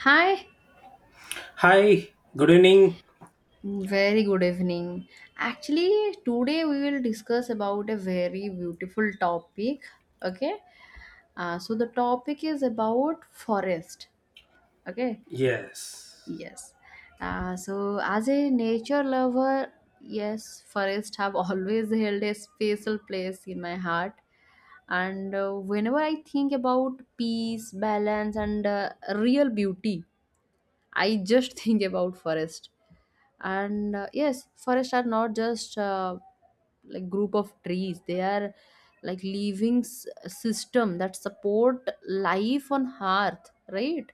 Hi, Hi, good evening. very good evening. Actually, today we will discuss about a very beautiful topic. Okay, so the topic is about forest. Okay, Yes. yes. So as a nature lover, yes, forest have always held a special place in my heart. And whenever I think about peace, balance, and real beauty, I just think about forest and yes, forests are not just like group of trees. They are like living system that support life on earth, right?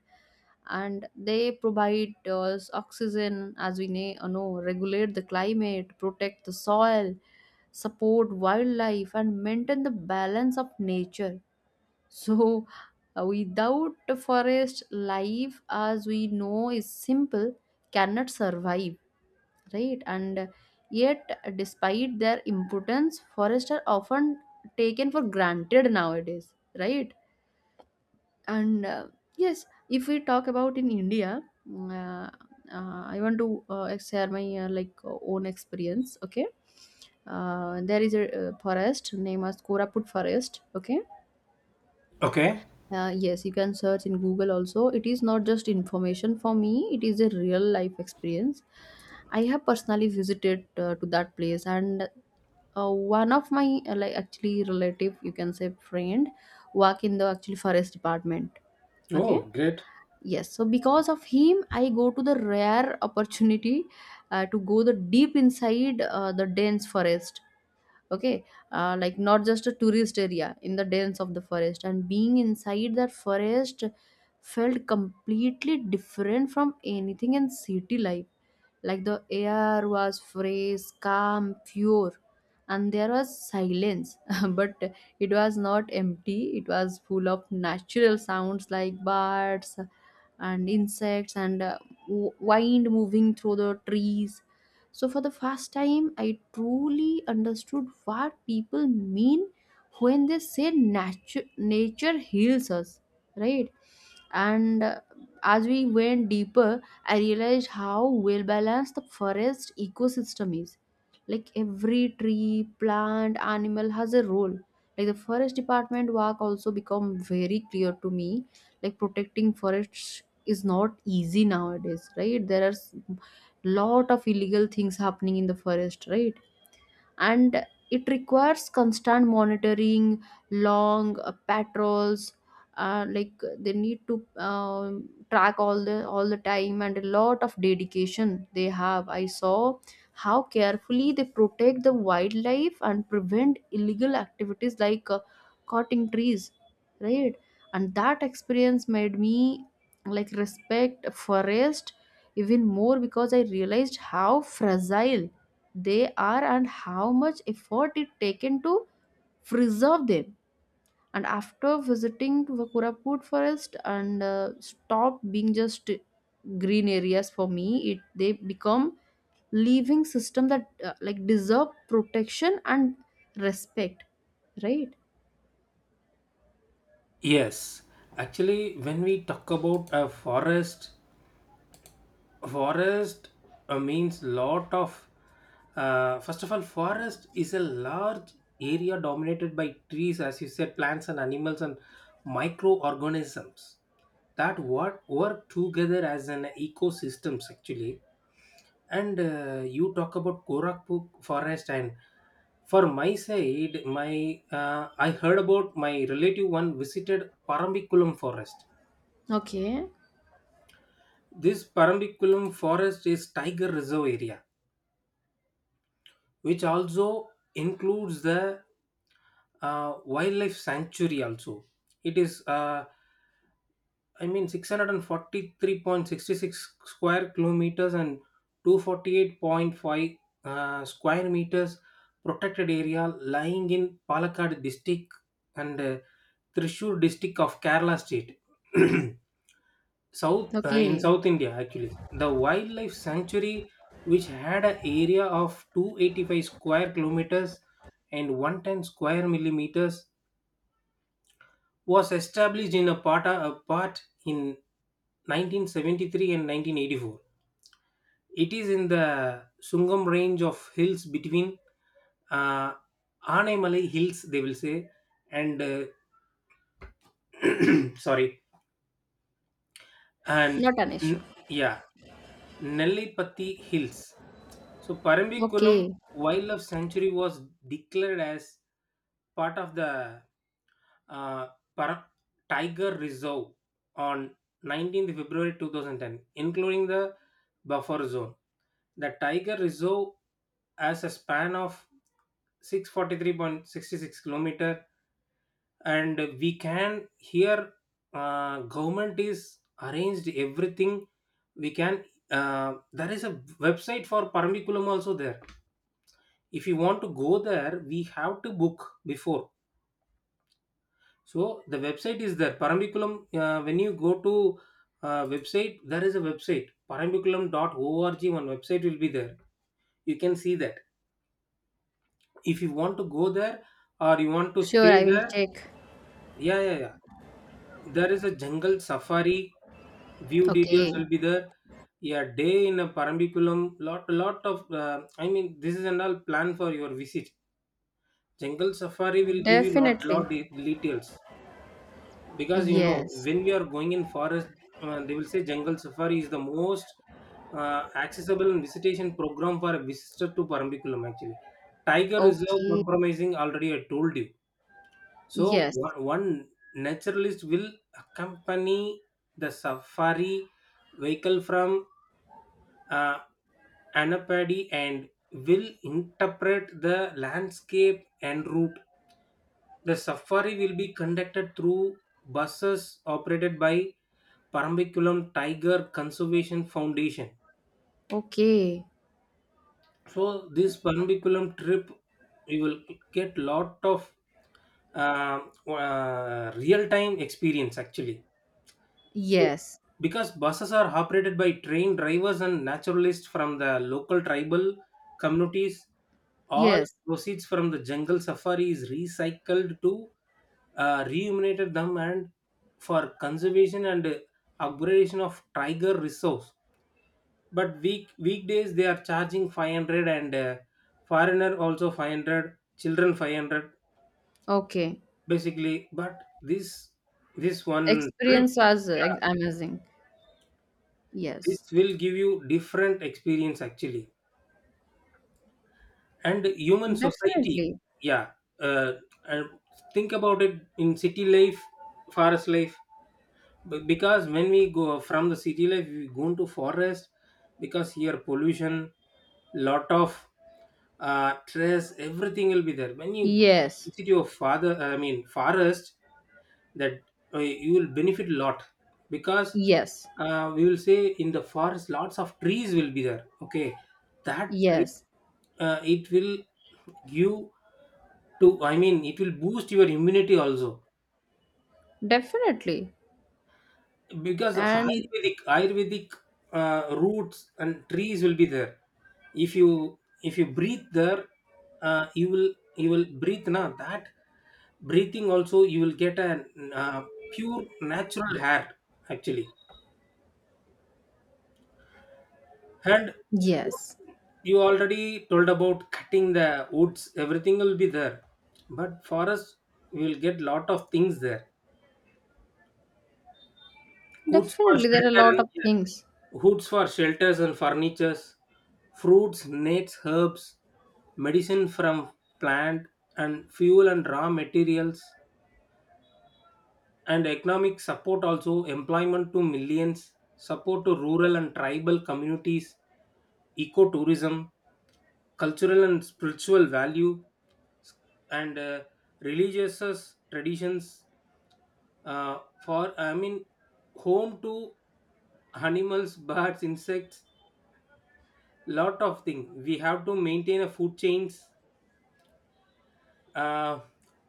And they provide us oxygen, as we know, regulate the climate, protect the soil, support wildlife, and maintain the balance of nature. So without the forest, life as we know is simple, cannot survive, right? And yet, despite their importance, forests are often taken for granted nowadays, right? And yes, if we talk about in India, mm, uh, I want to share my own experience. Okay, there is a forest named as Koraput forest. Okay, Okay. Yes, you can search in Google also. It is not just information for me, it is a real life experience. I have personally visited to that place. And one of my actually relative, you can say friend, work in the actually forest department. Okay, Oh, great. yes, so because of him, I go to the rare opportunity to go the deep inside the dense forest. Okay, like not just a tourist area, in the dense of the forest. And being inside that forest felt completely different from anything in city life. Like the air was fresh, calm, pure, and there was silence. But it was not empty, it was full of natural sounds like birds and insects and wind moving through the trees. So, for the first time, I truly understood what people mean when they say nature, nature heals us, right? And as we went deeper, I realized how well balanced the forest ecosystem is. Like every tree, plant, animal has a role. Like the forest department work also become very clear to me. Like protecting forests is not easy nowadays, right? There are lot of illegal things happening in the forest, right? And it requires constant monitoring, long patrols, uh, like they need to track all the time, and a lot of dedication they have. I saw how carefully they protect the wildlife and prevent illegal activities like cutting trees, right? And that experience made me like respect forest even more, because I realized how fragile they are and how much effort it taken to preserve them. And after visiting the Kuraput forest, and stopped being just green areas for me, it they become living system that like deserve protection and respect, right? Yes. Actually, when we talk about a forest, forest means lot of. First of all, forest is a large area dominated by trees, as you said, plants and animals and microorganisms that work together as an ecosystems actually. And you talk about Gorakhpur forest, and for my side, my I heard about my relative one visited Parambikulam forest. Okay. This Parambikulam forest is tiger reserve area, which also includes the wildlife sanctuary. Also, it is. I mean, 643.66 square kilometers and 248.5 square meters protected area lying in Palakkad district and Thrissur district of Kerala state, south in Okay, South India. Actually, the wildlife sanctuary, which had an area of 285 square kilometers and 110 square millimeters, was established in a part in 1973 and 1984. It is in the Sungam range of hills between uh, Anaimalai hills, they will say, and sorry, and not an issue. n- yeah, Nellipatti hills. So Parambikulam Okay. Wildlife Sanctuary was declared as part of the uh, Par- Tiger Reserve on 19th February 2010, including the buffer zone. The Tiger Reserve has a span of 643.66 kilometer, and we can here, government is arranged everything. We can, there is a website for Paramikulam also there. If you want to go there, we have to book before, so the website is there. Parambiculam. When you go to website, there is a website. Parambiculam.org. One website will be there. You can see that. If you want to go there or you want to Sure, stay I will there, check. yeah, yeah, yeah. There is a jungle safari. View details Okay. will be there. Yeah, day in a Parambiculam. Lot of. I mean, this is an all plan for your visit. Jungle safari will give you lot, Definitely. lot de- details. Because you know Yes. when we are going in forest, they will say jungle safari is the most accessible and visitation program for a visitor to Parambikulam, actually, Tiger Reserve, Okay. compromising, already I told you. So Yes. one naturalist will accompany the safari vehicle from uh, Anapadi and will interpret the landscape and route. The safari will be conducted through buses operated by Parambiculam Tiger Conservation Foundation. Okay. So this Parambiculam trip, you will get lot of uh, real-time experience actually. So Yes, because buses are operated by trained drivers and naturalists from the local tribal communities. All yes. proceeds from the jungle safari is recycled to remunerated them and for conservation and upgradation of tiger reserves. But weekdays they are charging 500 and foreigner also 500, children 500 Okay. basically. But this one trip, Experience was yeah, amazing. this Yes, will give you different experience actually. And human society, definitely. yeah, uh, and think about it, in city life, forest life, because when we go from the city life we go into forest, because here pollution, lot of stress, everything will be there when you Yes, visit your father, I mean forest, that you will benefit a lot because yes, we will say in the forest lots of trees will be there, okay, that yes, it will give to, I mean it will boost your immunity also, definitely. because And ayurvedic roots and trees will be there. If you if you breathe there, you will, you will breathe now, that breathing also you will get a uh, pure natural air actually. And yes, you already told about cutting the woods, everything will be there, but for us we will get lot of things there. Goods for definitely, there are a shelter lot and of things. hoods for shelters and furnitures, fruits, nuts, herbs, medicine from plant and fuel and raw materials, and economic support also, employment to millions, support to rural and tribal communities, ecotourism, cultural and spiritual value, and religious traditions. For, I mean, home to animals, birds, insects, lot of thing we have to maintain a food chains, uh,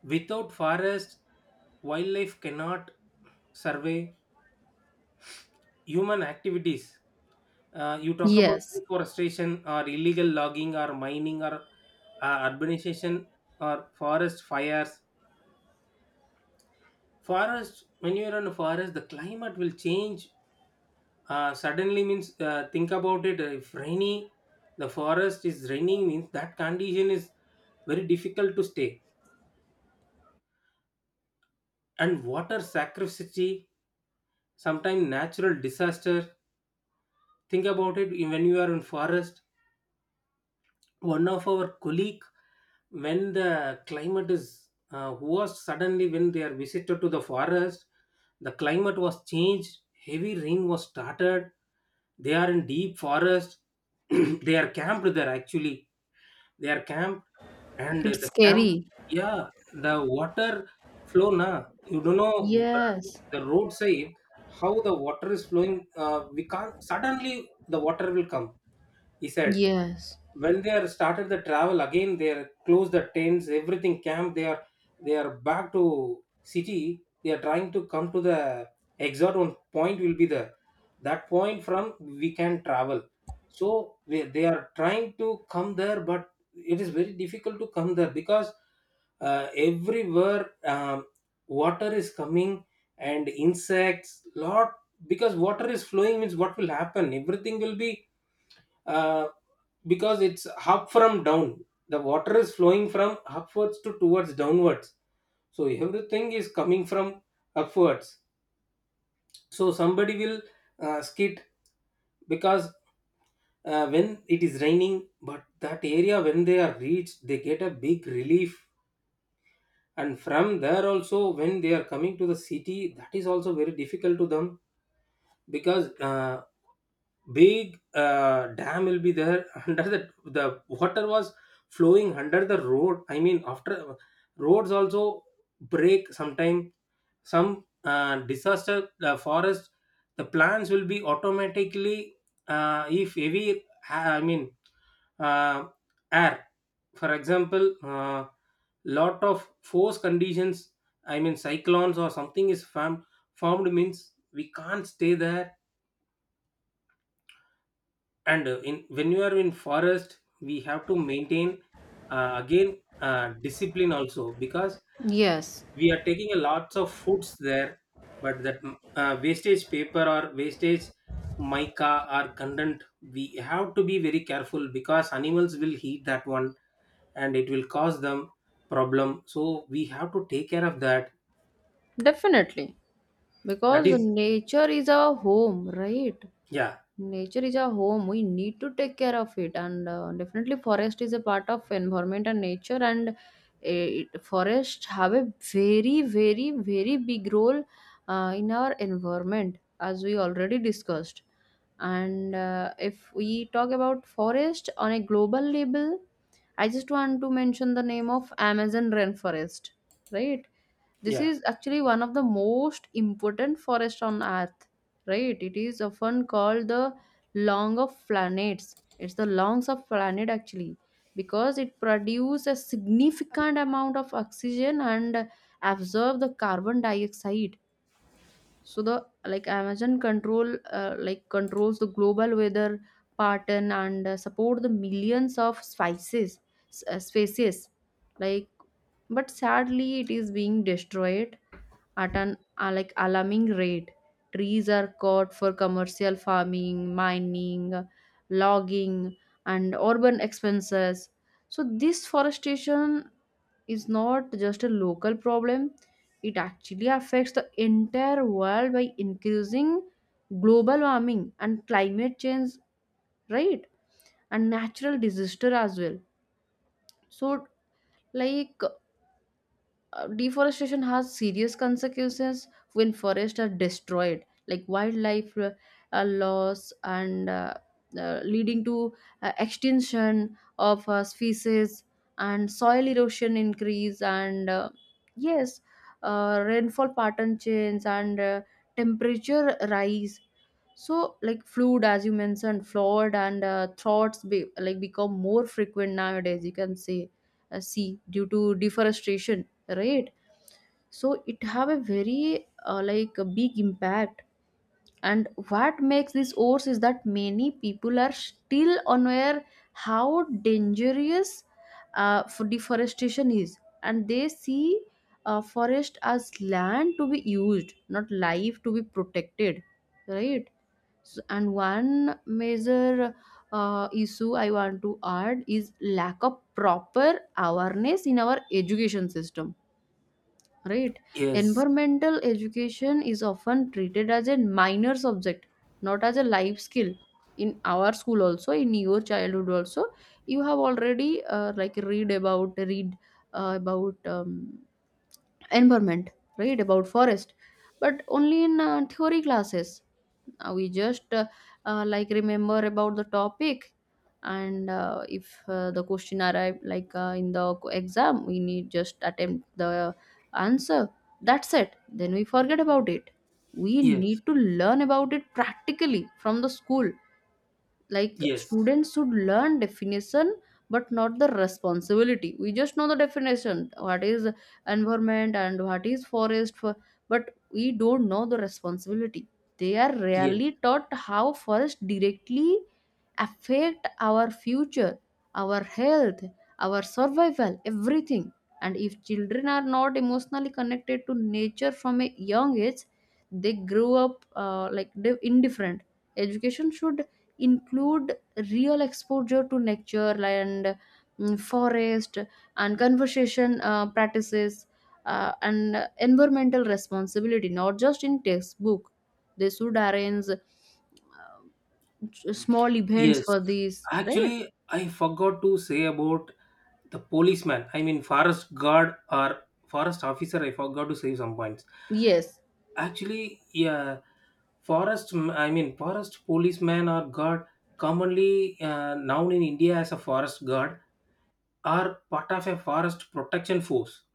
without forest wildlife cannot survey. Human activities, you talk about Yes, deforestation or illegal logging or mining or urbanization or forest fires. Forest, when you're in a forest the climate will change suddenly, means think about it, if rainy, the forest is raining means that condition is very difficult to stay. And water scarcity, sometimes natural disaster. Think about it, when you are in forest, one of our colleague, when the climate is, who was suddenly, when they are visited to the forest, the climate was changed, heavy rain was started, they are in deep forest, they are camped there actually, they are camped. And it's the camp, scary. yeah, the water flow na, you don't know, Yes, the roadside, how the water is flowing, we can't, suddenly the water will come, he said. yes, When they are started the travel again, they are close the tents, everything camp, they are back to city, they are trying to come to the exact one point will be the, that point from we can travel. So they are trying to come there, but it is very difficult to come there because everywhere water is coming, and insects lot, because water is flowing means what will happen, everything will be uh, because it's up from down, the water is flowing from upwards to towards downwards, so everything is coming from upwards. So somebody will skid because when it is raining. But that area when they are reached they get a big relief, and from there also when they are coming to the city that is also very difficult to them, because big dam will be there. under, the water was flowing under the road, I mean after roads also break sometime. Some disaster, the forest, the plants will be automatically if heavy I mean uh, air, for example, lot of force conditions, I mean cyclones or something is formed, means we can't stay there. And in, when you are in forest we have to maintain again discipline also, because yes, we are taking a lots of foods there, but that wastage paper or wastage mica or content, we have to be very careful because animals will eat that one, and it will cause them problem, so we have to take care of that. definitely. That Because is, nature is our home, right? yeah, Nature is our home. We need to take care of it, and definitely forest is a part of environment and nature. And forest have a very, very, very big role in our environment, as we already discussed. And if we talk about forest on a global level, I just want to mention the name of Amazon rainforest, right? This yeah. is actually one of the most important forests on earth, right? It is often called the lung of planets. It's the lungs of planet actually, because it produces a significant amount of oxygen and absorb the carbon dioxide. So the like Amazon control, controls the global weather pattern, and support the millions of species, species, like, but sadly it is being destroyed at an like alarming rate. Trees are cut for commercial farming, mining, logging, and urban expenses. So this forestation is not just a local problem; it actually affects the entire world by increasing global warming and climate change, right? And natural disaster as well. So like deforestation has serious consequences. When forests are destroyed, like wildlife loss, and leading to extinction of species, and soil erosion increase, and yes, rainfall pattern change, and temperature rise. So like flood, as you mentioned, flood and thoughts be, like become more frequent nowadays, you can say see due to deforestation, right? So it have a very like a big impact. And what makes this worse is that many people are still unaware how dangerous for deforestation is. And they see forest as land to be used, not life to be protected, right? So, and one major issue I want to add is lack of proper awareness in our education system, right? Yes, Environmental education is often treated as a minor subject, not as a life skill. In our school also, in your childhood also, you have already read about environment, right? About forest, but only in theory classes. We just remember about the topic. And if the question arrive, like in the exam, we need just attempt the answer. That's it, then we forget about it. We yes, need to learn about it practically from the school. Like yes, students should learn definition but not the responsibility. We just know the definition, what is environment and what is forest for, but we don't know the responsibility. They are yes, rarely taught how forest directly affect our future, our health, our survival, everything. And if children are not emotionally connected to nature from a young age, they grow up like they indifferent. Education should include real exposure to nature and forest, and conversation practices, and environmental responsibility, not just in textbook. They should arrange small events yes, for these, right? actually I forgot to say about the policeman, I mean forest guard or forest officer, I forgot to save some points. Yes. Actually, yeah, I mean forest policeman or guard, commonly known in India as a forest guard, are part of a forest protection force.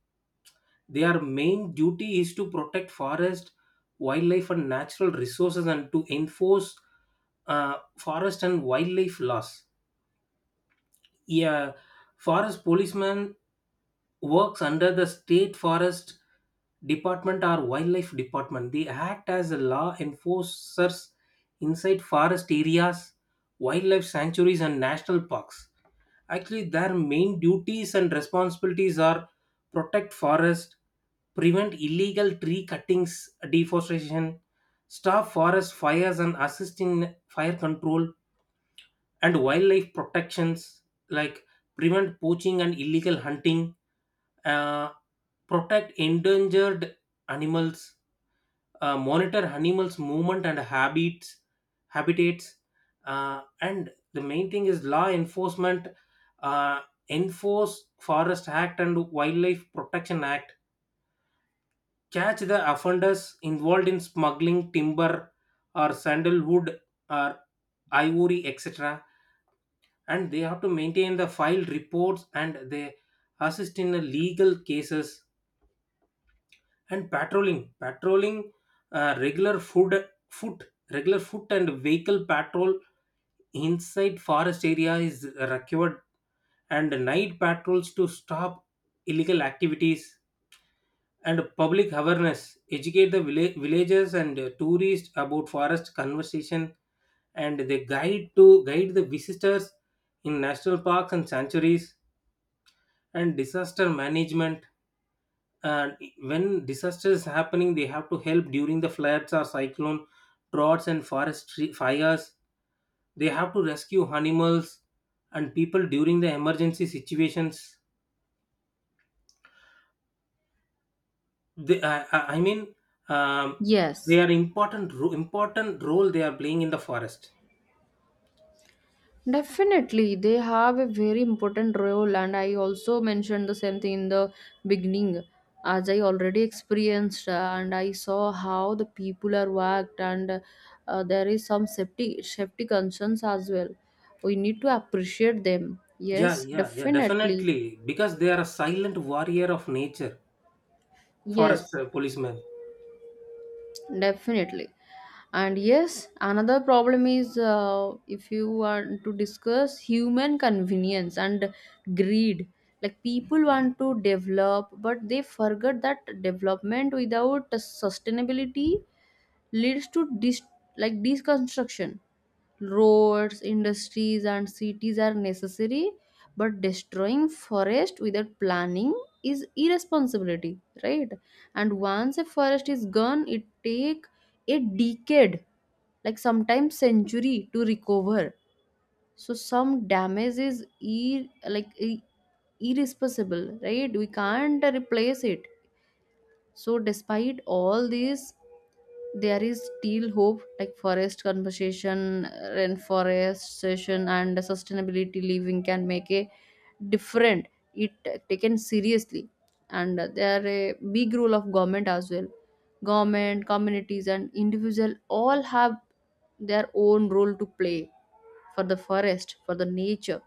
Their main duty is to protect forest, wildlife, and natural resources, and to enforce forest and wildlife laws. Yeah, forest policemen works under the state forest department or wildlife department, they act as a law enforcers inside forest areas, wildlife sanctuaries and national parks. Actually their main duties and responsibilities are: protect forest, prevent illegal tree cuttings, deforestation, stop forest fires and assist in fire control, and wildlife protections, like prevent poaching and illegal hunting, uh, protect endangered animals, monitor animals' movement and habitats, and the main thing is law enforcement, uh, enforce Forest Act and Wildlife Protection Act, catch the offenders involved in smuggling timber or sandalwood or ivory, etc. And they have to maintain the file reports and they assist in the legal cases, and patrolling, regular food foot regular foot and vehicle patrol inside forest area is required, and night patrols to stop illegal activities, and public awareness, educate the villagers and tourists about forest conservation, and they guide the visitors in national parks and sanctuaries, and disaster management, and when disaster is happening they have to help during the floods or cyclone, droughts and fires. They have to rescue animals and people during the emergency situations. They, I mean um, Yes. they are important role they are playing in the forest. Definitely, they have a very important role, and I also mentioned the same thing in the beginning, as I already experienced, and I saw how the people are worked. And there is some safety concerns as well. We need to appreciate them. Yeah, Yes, yeah, yeah, definitely. definitely, because they are a silent warrior of nature, forest Yes, policemen. definitely. And yes, another problem is, if you want to discuss, human convenience and greed. Like people want to develop, but they forget that development without sustainability leads to like deconstruction. Roads, industries, and cities are necessary, but destroying forest without planning is irresponsibility, right? And once a forest is gone, it take a decade, like sometimes century to recover. So some damage is ir- like i- irreversible, right? We can't replace it. So despite all these, there is still hope. Like forest conservation, reforestation, and sustainability living can make a different, it taken seriously. And there are a big role of government as well. Government, communities, and individual all have their own role to play for the forest, for the nature,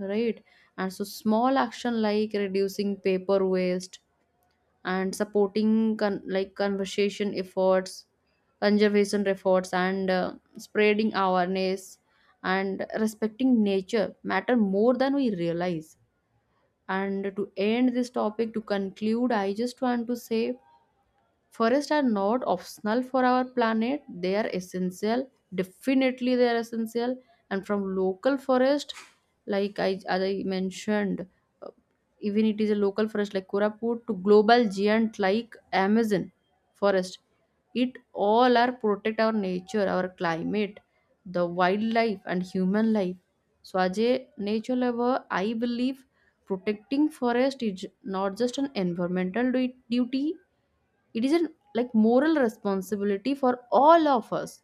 right? And so small action like reducing paper waste and supporting conversation efforts, conservation efforts, and spreading awareness, and respecting nature matter more than we realize. And to end this topic, to conclude, I just want to say, forests are not optional for our planet, they are essential. Definitely, they are essential. And from local forest, like I, as I mentioned, uh, even it is a local forest like Koraput to global giant like Amazon forest, it all are protect our nature, our climate, the wildlife, and human life. So, as a nature lover, I believe protecting forest is not just an environmental duty, it is a like moral responsibility for all of us.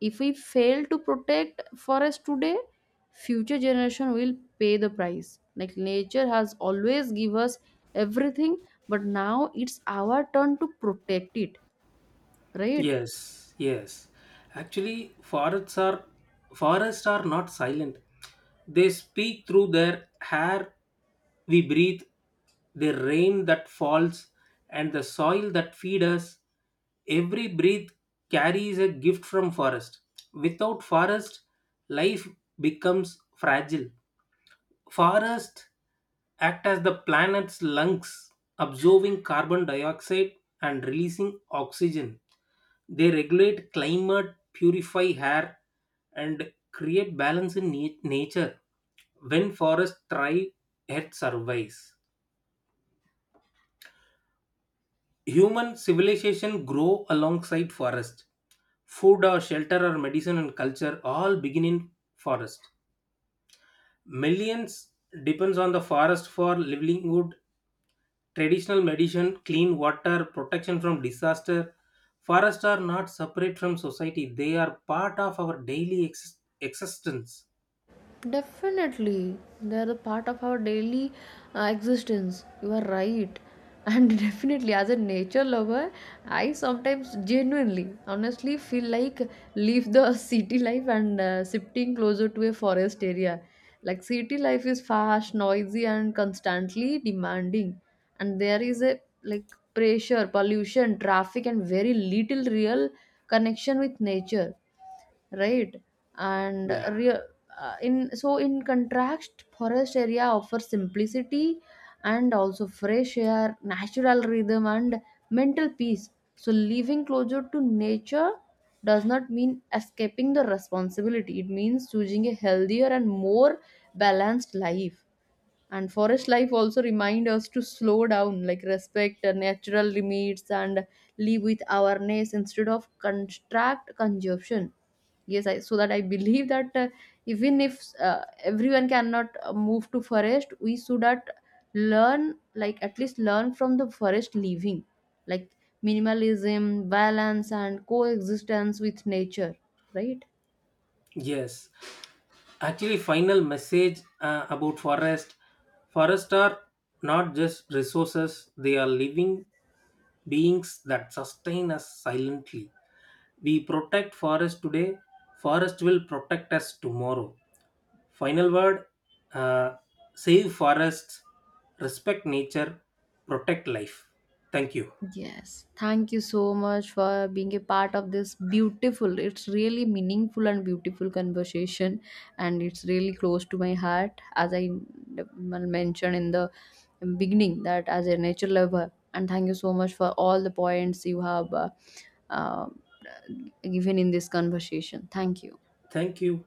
If we fail to protect forest today, future generation will pay the price. Like nature has always give us everything, but now it's our turn to protect it, right? Yes, yes. Actually, forests are not silent. They speak through their hair we breathe, the rain that falls, and the soil that feed us. Every breath carries a gift from forest. Without forest, life becomes fragile. Forests act as the planet's lungs, absorbing carbon dioxide and releasing oxygen. They regulate climate, purify air, and create balance in nature. When forests thrive, Earth survives. Human civilization grow alongside forest. Food or shelter or medicine and culture all begin in forest. Millions depends on the forest for livelihood, traditional medicine, clean water, protection from disaster. Forests are not separate from society, they are part of our daily existence. Definitely, they are a part of our daily existence. You are right. And definitely, as a nature lover, I sometimes genuinely, honestly feel like leave the city life and shifting closer to a forest area. Like city life is fast, noisy, and constantly demanding, and there is a like pressure, pollution, traffic, and very little real connection with nature, right? And Yeah, real in contrast, forest area offers simplicity, and also fresh air, natural rhythm, and mental peace. So living closer to nature does not mean escaping the responsibility, it means choosing a healthier and more balanced life. And forest life also remind us to slow down, like respect the natural limits and live with awareness instead of construct consumption. Yes, I so that I believe that, even if everyone cannot move to forest, we should at learn, like at least learn from the forest living, like minimalism, balance, and coexistence with nature, right? yes. Actually, final message about forest. Forests are not just resources, they are living beings that sustain us silently. We protect forest today, forest will protect us tomorrow. Final word, uh, save forests, respect nature, protect life. Thank you. Yes, thank you so much for being a part of this beautiful, it's really meaningful and beautiful conversation, and it's really close to my heart. As I mentioned in the beginning, that as a nature lover, and thank you so much for all the points you have uh, given in this conversation. Thank you. Thank you.